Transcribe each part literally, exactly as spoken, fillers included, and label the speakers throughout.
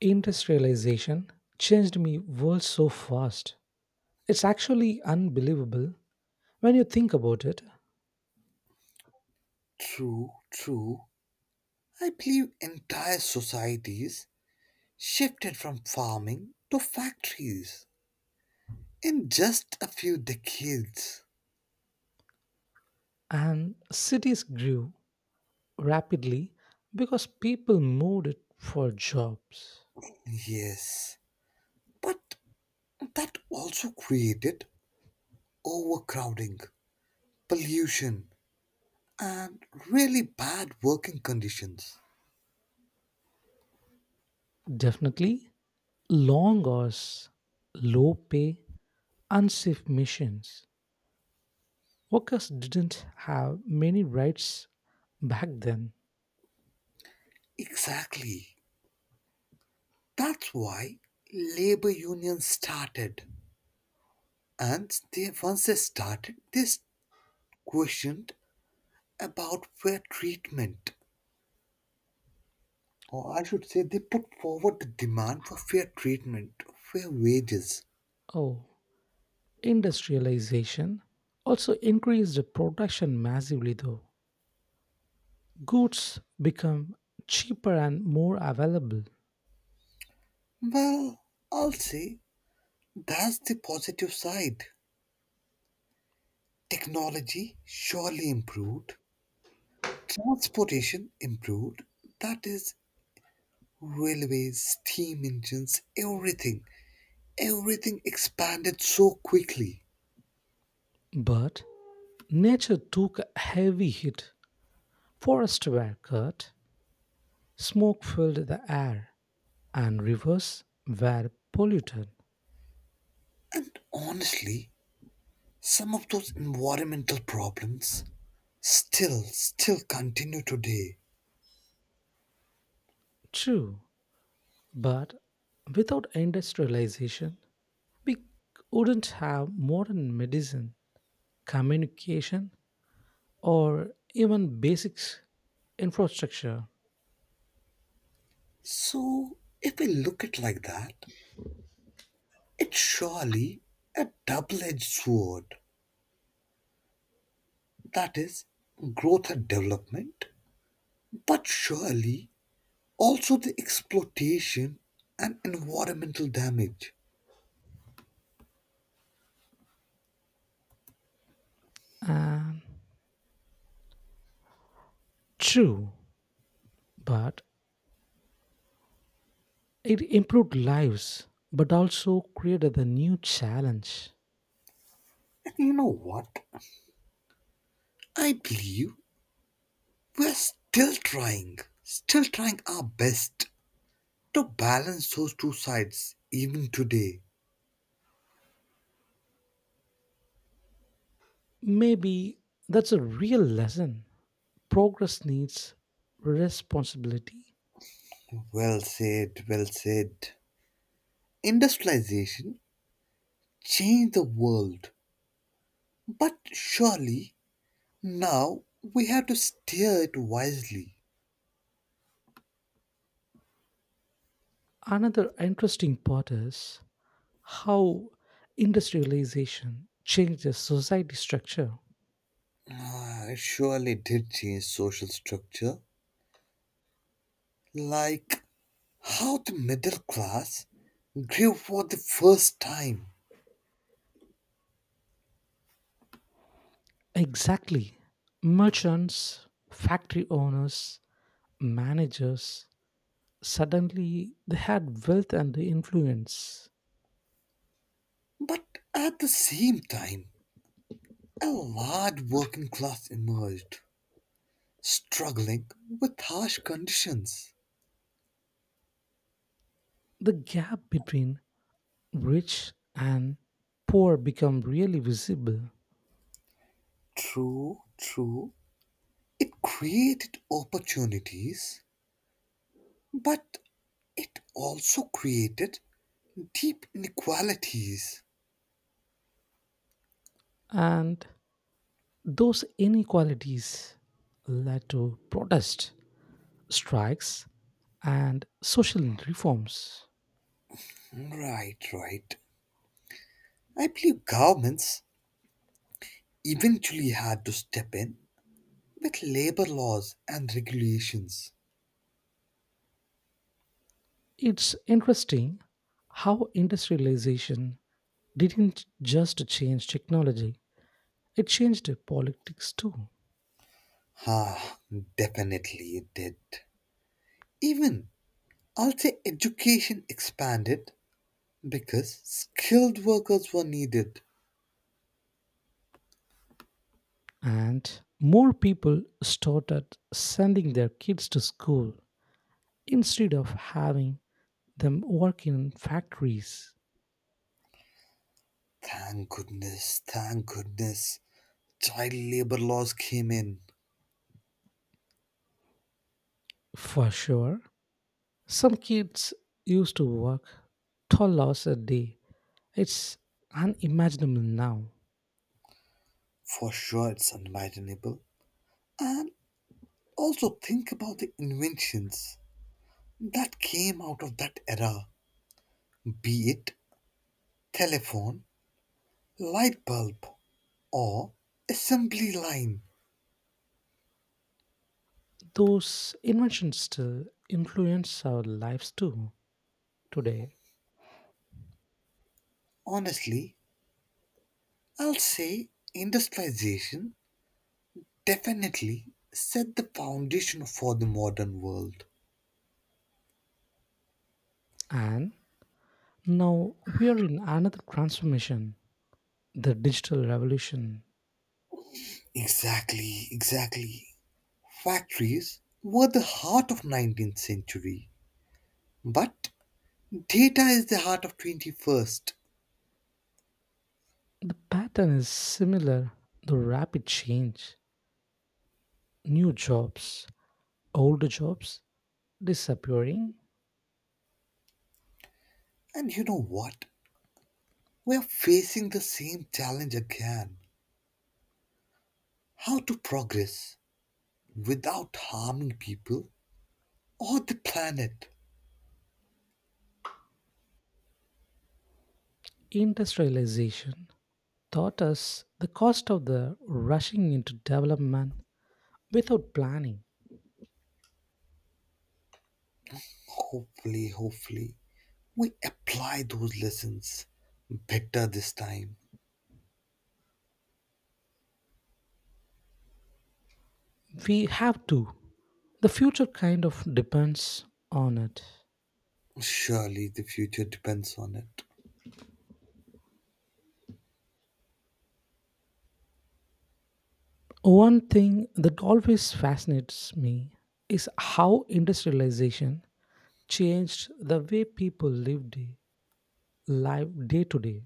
Speaker 1: Industrialization changed me world so fast. It's actually unbelievable when you think about it.
Speaker 2: True, true. I believe entire societies shifted from farming to factories in just a few decades.
Speaker 1: And cities grew rapidly because people moved for jobs.
Speaker 2: Yes, but that also created overcrowding, pollution, and really bad working conditions.
Speaker 1: Definitely long hours, low pay, unsafe missions. Workers didn't have many rights back then.
Speaker 2: Exactly. That's why labor unions started. And they, once they started, they questioned about fair treatment, or I should say, they put forward the demand for fair treatment, fair wages.
Speaker 1: Oh, industrialization also increased the production massively though. Goods become cheaper and more available,
Speaker 2: Well, I'll say that's the positive side. Technology surely improved, transportation improved, that is, railways, steam engines, everything. Everything expanded so quickly.
Speaker 1: but nature took a heavy hit. Forests were cut, smoke filled the air, and rivers were polluted.
Speaker 2: And honestly, some of those environmental problems still, still continue today.
Speaker 1: True, but without industrialization, we wouldn't have modern medicine, communication, or even basic infrastructure.
Speaker 2: So, if we look at like that, it's surely a double edged sword, that is, growth and development, but surely also the exploitation and environmental damage.
Speaker 1: And true, but it improved lives, but also created a new challenge.
Speaker 2: And you know what? I believe we're still trying, still trying our best to balance those two sides even today.
Speaker 1: Maybe that's a real lesson. Progress needs responsibility.
Speaker 2: Well said, well said. Industrialization changed the world, but surely now we have to steer it wisely.
Speaker 1: Another interesting part is how industrialization changes society structure.
Speaker 2: Ah, it surely did change social structure, like how the middle class grew for the first time.
Speaker 1: Exactly. Merchants, factory owners, managers, suddenly they had wealth and influence.
Speaker 2: But at the same time, a large working class emerged, struggling with harsh conditions.
Speaker 1: The gap between rich and poor become really visible,
Speaker 2: True, true. It created opportunities, but it also created deep inequalities.
Speaker 1: and those inequalities led to protest, strikes, and social reforms.
Speaker 2: Right, right. I believe governments eventually had to step in with labor laws and regulations.
Speaker 1: It's interesting how industrialization didn't just change technology, it changed politics too.
Speaker 2: Ah, definitely it did. Even, I'll say education expanded because skilled workers were needed.
Speaker 1: And more people started sending their kids to school instead of having them work in factories.
Speaker 2: Thank goodness, thank goodness. Child labor laws came in.
Speaker 1: For sure. Some kids used to work twelve hours a day. It's unimaginable now.
Speaker 2: For sure, it's unimaginable. And also think about the inventions that came out of that era, be it telephone, light bulb, or assembly line.
Speaker 1: Those inventions still influence our lives too today.
Speaker 2: Honestly, I'll say industrialization definitely set the foundation for the modern world.
Speaker 1: And now we are in another transformation, the digital revolution.
Speaker 2: Exactly, exactly. Factories were the heart of nineteenth century, but data is the heart of twenty-first.
Speaker 1: The pattern is similar, the rapid change, new jobs, older jobs disappearing,
Speaker 2: And you know what? We are facing the same challenge again. How to progress without harming people or the planet.
Speaker 1: industrialization taught us the cost of the rushing into development without planning.
Speaker 2: Hopefully, hopefully, we apply those lessons better this time.
Speaker 1: We have to. The future kind of depends on it.
Speaker 2: Surely the future depends on it.
Speaker 1: One thing that always fascinates me is how industrialization changed the way people lived day- life day to day.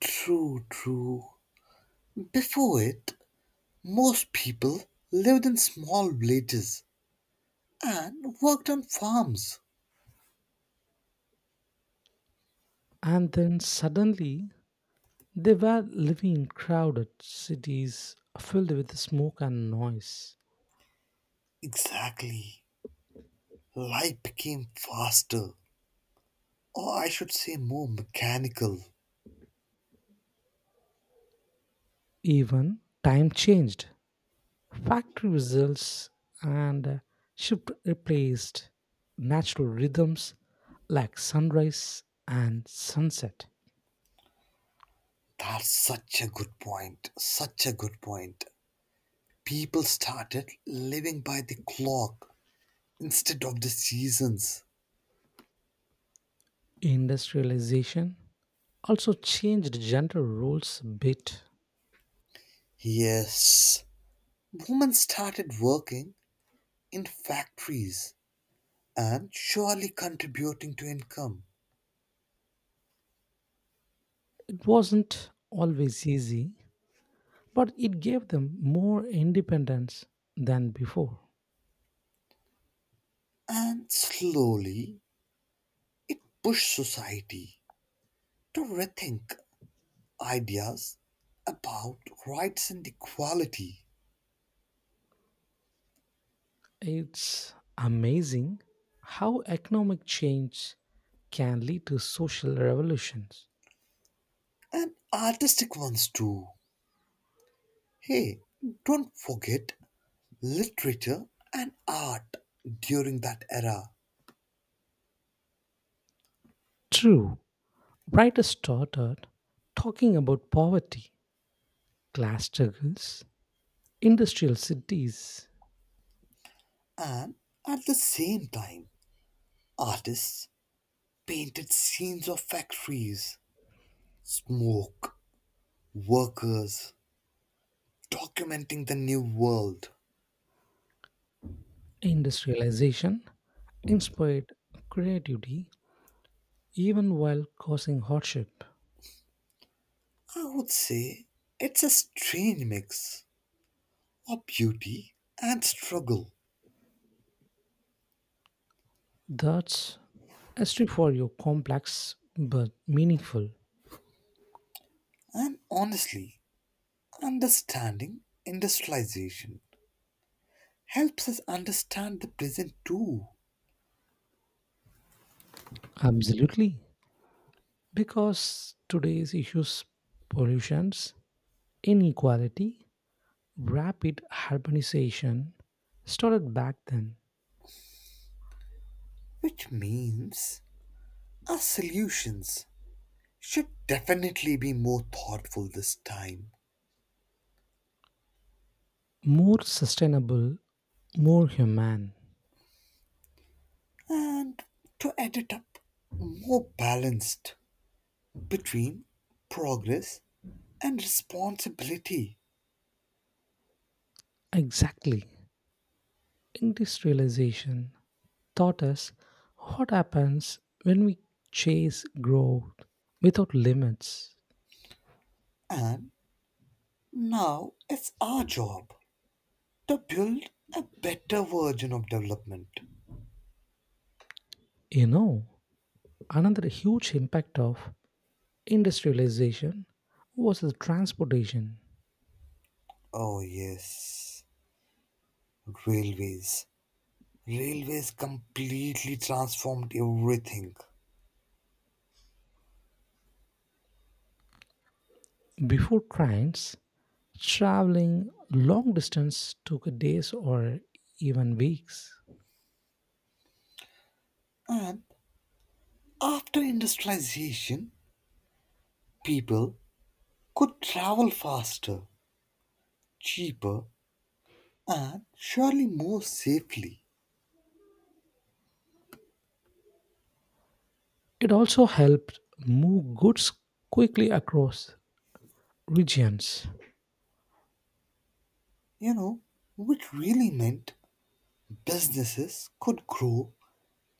Speaker 2: True, true. Before it, most people lived in small villages and worked on farms.
Speaker 1: And then suddenly they were living in crowded cities filled with smoke and noise.
Speaker 2: Exactly. Life became faster, or I should say more mechanical.
Speaker 1: Even time changed. Factory results and uh, shift replaced natural rhythms like sunrise and sunset.
Speaker 2: That's such a good point. Such a good point. People started living by the clock instead of the seasons.
Speaker 1: Industrialization also changed gender roles a bit.
Speaker 2: Yes, women started working in factories and surely contributing to income.
Speaker 1: It wasn't always easy, but it gave them more independence than before.
Speaker 2: And slowly it pushed society to rethink ideas about rights and equality,
Speaker 1: It's amazing how economic change can lead to social revolutions.
Speaker 2: and artistic ones too. Hey, don't forget literature and art during that era.
Speaker 1: True, writers started talking about poverty, class struggles, industrial cities,
Speaker 2: And at the same time, artists painted scenes of factories, smoke, workers, documenting the new world.
Speaker 1: industrialization inspired creativity, even while causing hardship.
Speaker 2: I would say it's a strange mix of beauty and struggle.
Speaker 1: That's history for you, complex but meaningful.
Speaker 2: And honestly, understanding industrialization helps us understand the present too,
Speaker 1: Absolutely. Because today's issues, pollutions, inequality, rapid urbanization started back then.
Speaker 2: which means our solutions should definitely be more thoughtful this time,
Speaker 1: More sustainable, more human.
Speaker 2: and to add it up, more balanced between progress and responsibility.
Speaker 1: Exactly. Industrialization taught us what happens when we chase growth without limits.
Speaker 2: And now it's our job to build a better version of development.
Speaker 1: You know, another huge impact of industrialization was the transportation.
Speaker 2: Oh, yes. Railways. Railways completely transformed everything.
Speaker 1: Before trains, traveling long distance took days or even weeks.
Speaker 2: And after industrialization, people could travel faster, cheaper, and surely more safely.
Speaker 1: It also helped move goods quickly across regions.
Speaker 2: You know, which really meant businesses could grow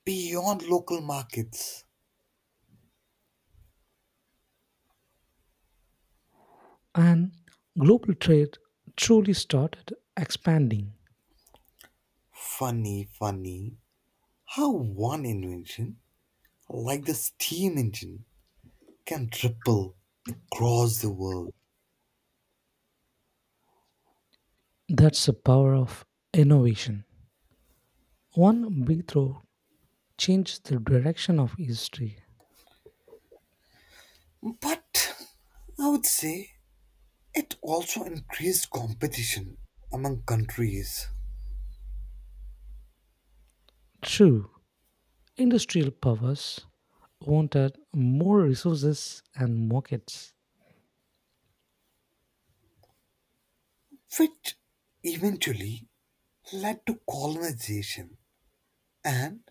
Speaker 2: beyond local markets.
Speaker 1: And global trade truly started expanding.
Speaker 2: Funny, funny how one invention, like the steam engine, can ripple across the world.
Speaker 1: That's the power of innovation. One breakthrough changed the direction of history.
Speaker 2: But I would say it also increased competition among countries,
Speaker 1: True, industrial powers wanted more resources and markets.
Speaker 2: which eventually led to colonization and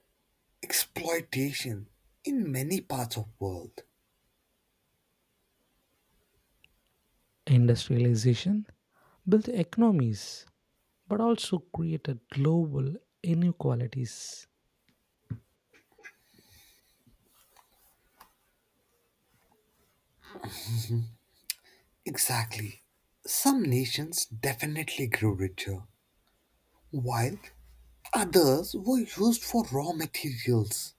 Speaker 2: exploitation in many parts of the world.
Speaker 1: Industrialization built economies but also created global inequalities.
Speaker 2: Exactly. Some nations definitely grew richer while others were used for raw materials.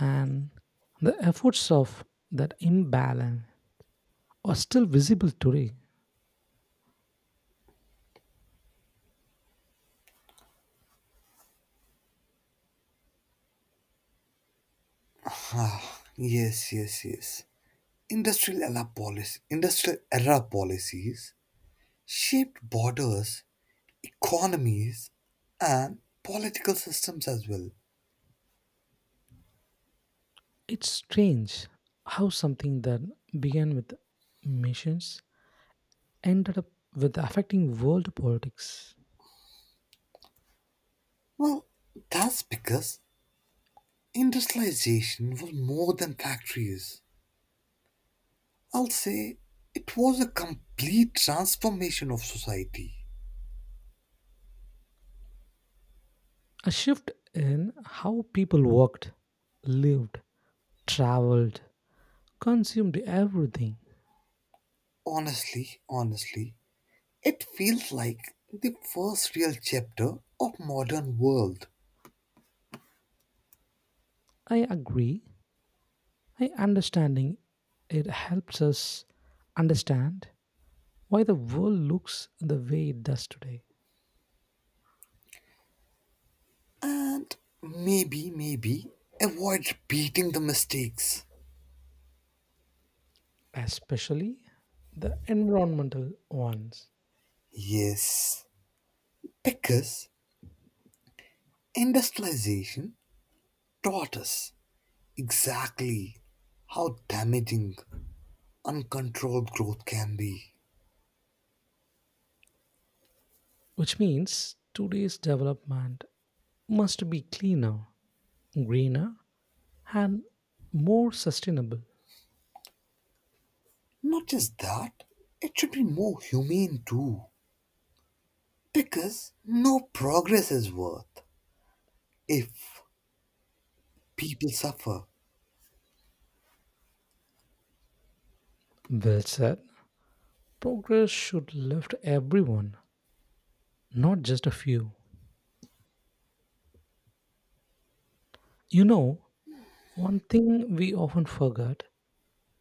Speaker 1: And the efforts of that imbalance are still visible today.
Speaker 2: Ah, yes, yes, yes. Industrial era policy, industrial era policies shaped borders, economies, and political systems as well.
Speaker 1: It's strange how something that began with missions ended up with affecting world politics.
Speaker 2: Well, that's because industrialization was more than factories. I'll say it was a complete transformation of society.
Speaker 1: A shift in how people worked, lived, traveled, consumed everything.
Speaker 2: Honestly, honestly, it feels like the first real chapter of modern world.
Speaker 1: I agree. I understanding it helps us understand why the world looks the way it does today,
Speaker 2: And maybe, maybe avoid repeating the mistakes.
Speaker 1: especially the environmental ones,
Speaker 2: Yes, because industrialization taught us exactly how damaging uncontrolled growth can be.
Speaker 1: which means today's development must be cleaner, greener, and more sustainable.
Speaker 2: Not just that, it should be more humane too. Because no progress is worth if people suffer.
Speaker 1: Well said. Progress should lift everyone, not just a few. You know, one thing we often forget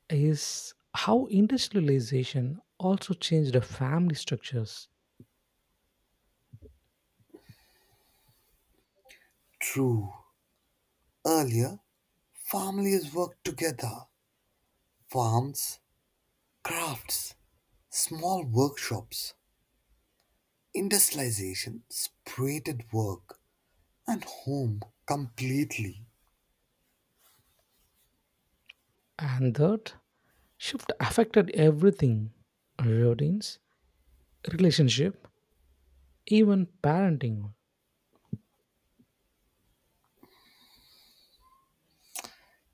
Speaker 1: is how industrialization also changed the family structures,
Speaker 2: True. Earlier, families work together. Farms, crafts, small workshops, industrialization separated work and home completely.
Speaker 1: and that shift affected everything, routines, relationship, even parenting.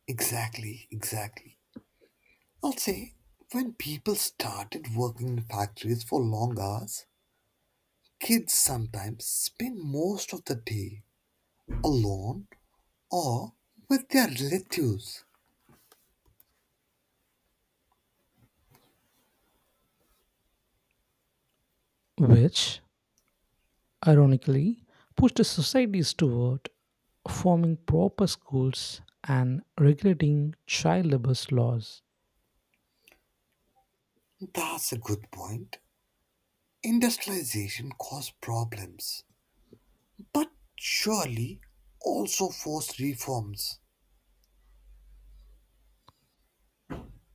Speaker 2: Exactly, exactly. I'll say when people started working in factories for long hours, kids sometimes spend most of the day alone or with their relatives.
Speaker 1: Which, ironically, pushed societies toward forming proper schools and regulating child labor laws.
Speaker 2: That's a good point. Industrialization caused problems but surely also forced reforms.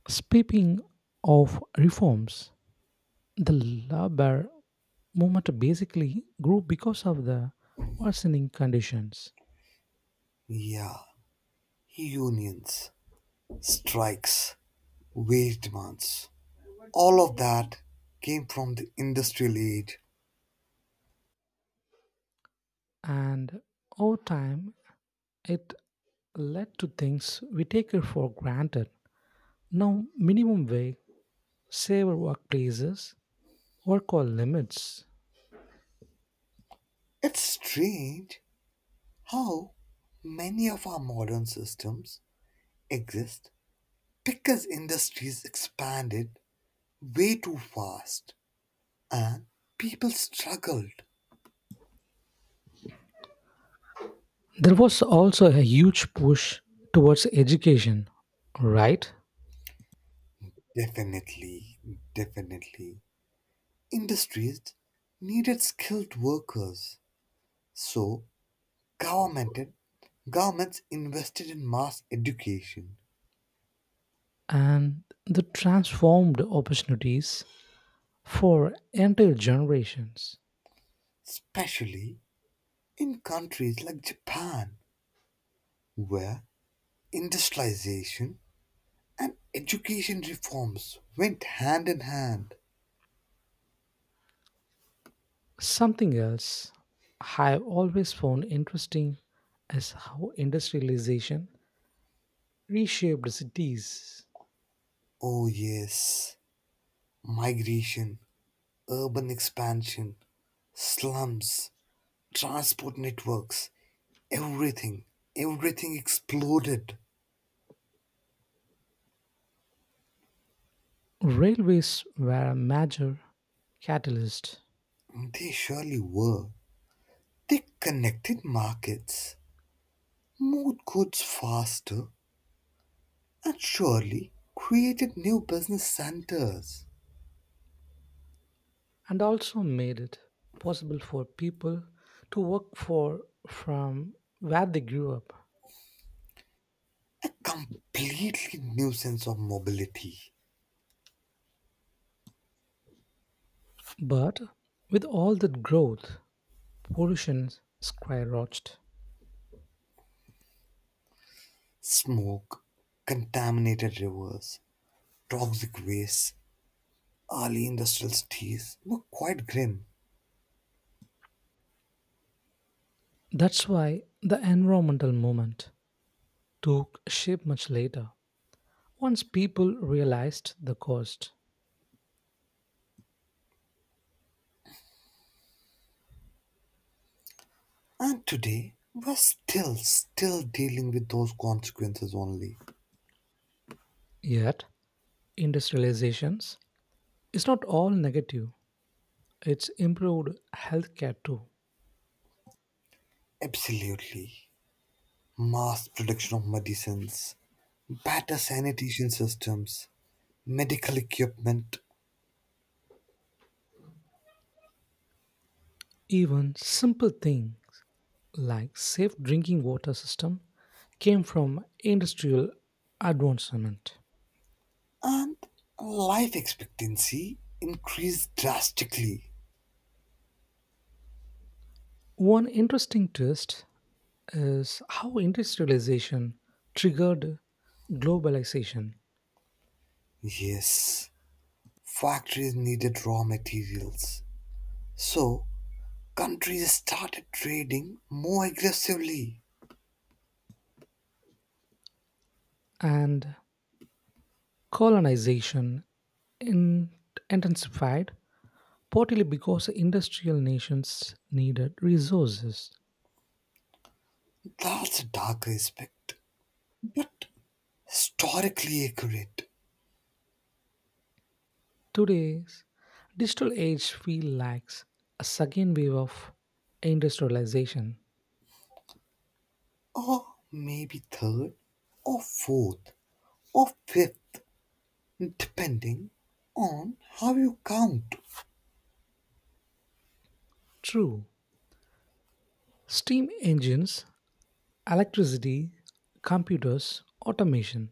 Speaker 1: Speaking of reforms, the labor movement basically grew because of the worsening conditions,
Speaker 2: Yeah, unions, strikes, wage demands. All of that came from the industrial age.
Speaker 1: and over time, it led to things we take it for granted. Now, minimum wage, safer workplaces, work hour limits.
Speaker 2: It's strange how many of our modern systems exist because industries expanded way too fast and people struggled.
Speaker 1: There was also a huge push towards education, right?
Speaker 2: Definitely, definitely. Industries needed skilled workers, so government governments invested in mass education,
Speaker 1: And the transformed opportunities for entire generations.
Speaker 2: especially in countries like Japan, where industrialization and education reforms went hand in hand.
Speaker 1: Something else I've always found interesting is how industrialization reshaped cities.
Speaker 2: Oh yes, migration, urban expansion, slums, transport networks, everything, everything exploded.
Speaker 1: Railways were a major catalyst
Speaker 2: They surely were. They connected markets, moved goods faster, and surely created new business centers.
Speaker 1: and also made it possible for people to work for from where they grew up.
Speaker 2: A completely new sense of mobility.
Speaker 1: But with all that growth, pollution skyrocketed.
Speaker 2: Smoke, contaminated rivers, toxic waste, early industrial cities look quite grim.
Speaker 1: That's why the environmental movement took shape much later, once people realized the cost.
Speaker 2: And today, we're still, still dealing with those consequences only.
Speaker 1: Yet, industrializations is not all negative. It's improved healthcare too.
Speaker 2: Absolutely. Mass production of medicines, better sanitation systems, medical equipment,
Speaker 1: Even simple thing like safe drinking water system came from industrial advancement.
Speaker 2: and life expectancy increased drastically.
Speaker 1: One interesting twist is how industrialization triggered globalization
Speaker 2: Yes, factories needed raw materials, so countries started trading more aggressively.
Speaker 1: and colonization in- intensified partly because industrial nations needed resources.
Speaker 2: That's a dark aspect, but historically accurate.
Speaker 1: Today's digital age feels like a second wave of industrialization.
Speaker 2: Or maybe third, or fourth, or fifth, depending on how you count.
Speaker 1: True, steam engines, electricity, computers, automation.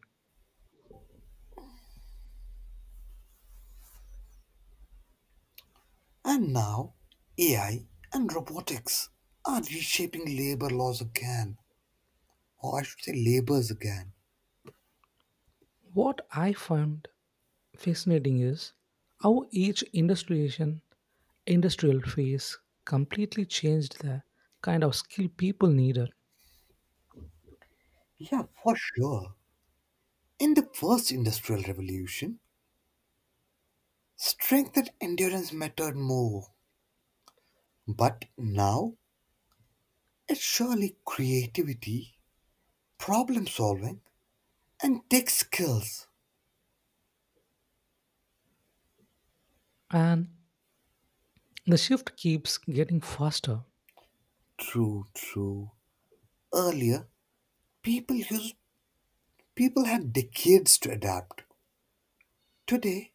Speaker 2: And now, A I and robotics are reshaping labor laws again, or I should say, labors again.
Speaker 1: What I found fascinating is how each industrialization, industrial phase completely changed the kind of skill people needed,
Speaker 2: Yeah, for sure. In the first industrial revolution, strength and endurance mattered more. But now, it's surely creativity, problem solving, and tech skills.
Speaker 1: and the shift keeps getting faster.
Speaker 2: True, true. Earlier, people used people had decades to adapt. Today,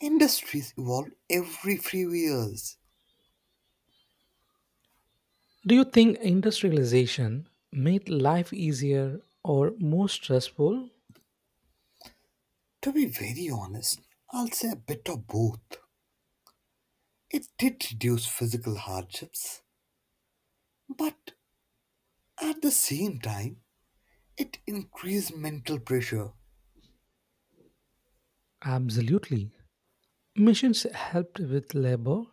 Speaker 2: industries evolve every few years.
Speaker 1: Do you think industrialization made life easier or more stressful?
Speaker 2: To be very honest, I'll say a bit of both. It did reduce physical hardships, but at the same time, it increased mental pressure.
Speaker 1: Absolutely. Machines helped with labor,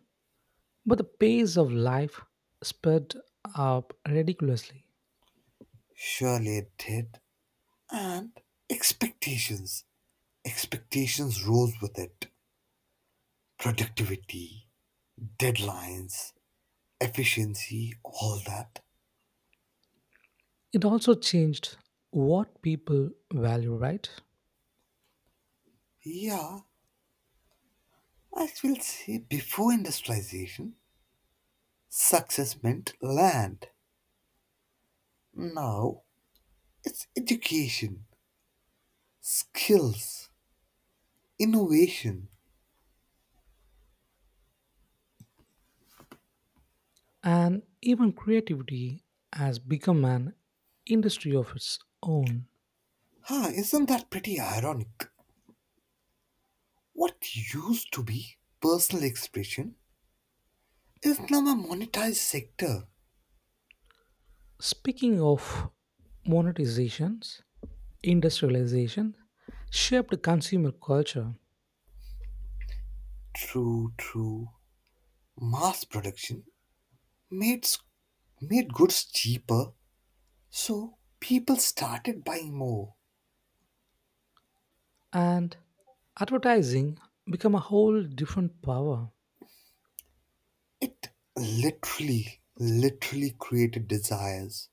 Speaker 1: but the pace of life sped up ridiculously.
Speaker 2: Surely it did. And expectations. Expectations rose with it. Productivity, deadlines, efficiency, all that.
Speaker 1: It also changed what people value, right?
Speaker 2: Yeah, I will say before industrialization, success meant land. Now it's education, skills, innovation.
Speaker 1: And even creativity has become an industry of its own.
Speaker 2: Huh, isn't that pretty ironic? What used to be personal expression is now a monetized sector.
Speaker 1: Speaking of monetizations, industrialization shaped consumer culture
Speaker 2: True, true. Mass production made, s- made goods cheaper, so people started buying more.
Speaker 1: and advertising become a whole different power.
Speaker 2: It literally, literally created desires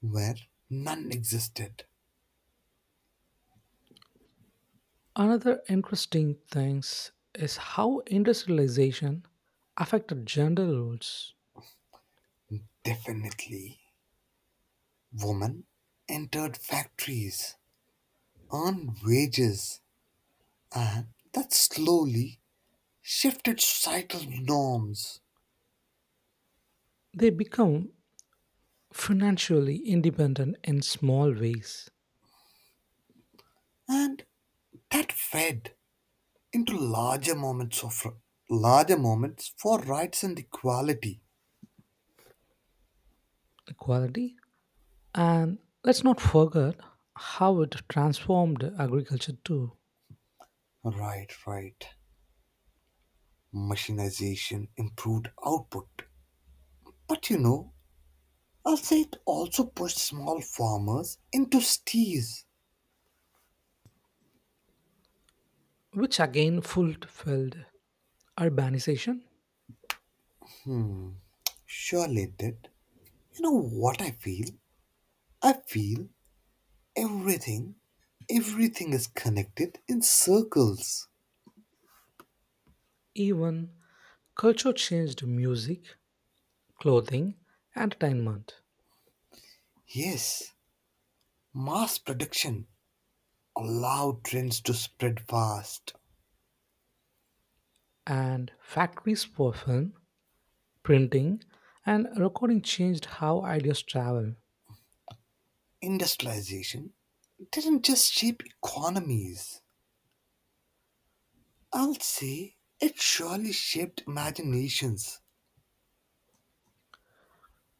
Speaker 2: where none existed.
Speaker 1: Another interesting thing is how industrialization affected gender roles.
Speaker 2: Definitely. Women entered factories, earned wages, and that slowly shifted societal norms,
Speaker 1: They become financially independent in small ways,
Speaker 2: and that fed into larger moments of larger moments for rights and equality.
Speaker 1: equality, and let's not forget how it transformed agriculture too,
Speaker 2: Right, right, machinization improved output, but you know, I'll say it also pushed small farmers into steers.
Speaker 1: which again fulfilled urbanization.
Speaker 2: Surely it did. You know what I feel, i feel everything everything is connected in circles.
Speaker 1: Even culture changed, music, clothing, entertainment,
Speaker 2: Yes, mass production allowed trends to spread fast.
Speaker 1: and factories for film, printing, and recording changed how ideas travel.
Speaker 2: Industrialization didn't just shape economies, I'll say it surely shaped imaginations.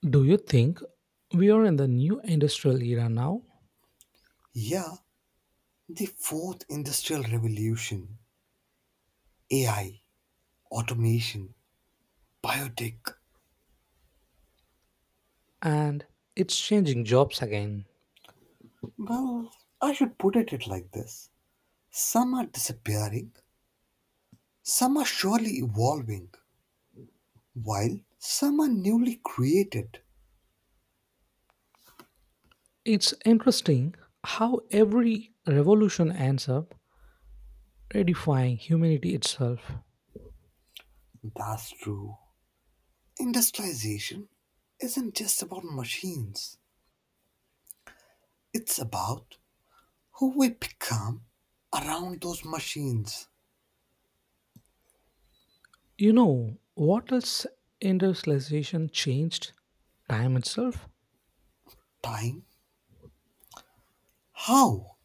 Speaker 1: Do you think we are in the new industrial era now?
Speaker 2: Yeah, the fourth industrial revolution, A I, automation, biotech.
Speaker 1: And it's changing jobs again.
Speaker 2: Well, I should put it it like this, some are disappearing, some are surely evolving, while some are newly created.
Speaker 1: It's interesting how every revolution ends up redefying humanity itself.
Speaker 2: That's true. Industrialization isn't just about machines, it's about who we become around those machines.
Speaker 1: You know what else industrialization changed? Time itself.
Speaker 2: Time, how,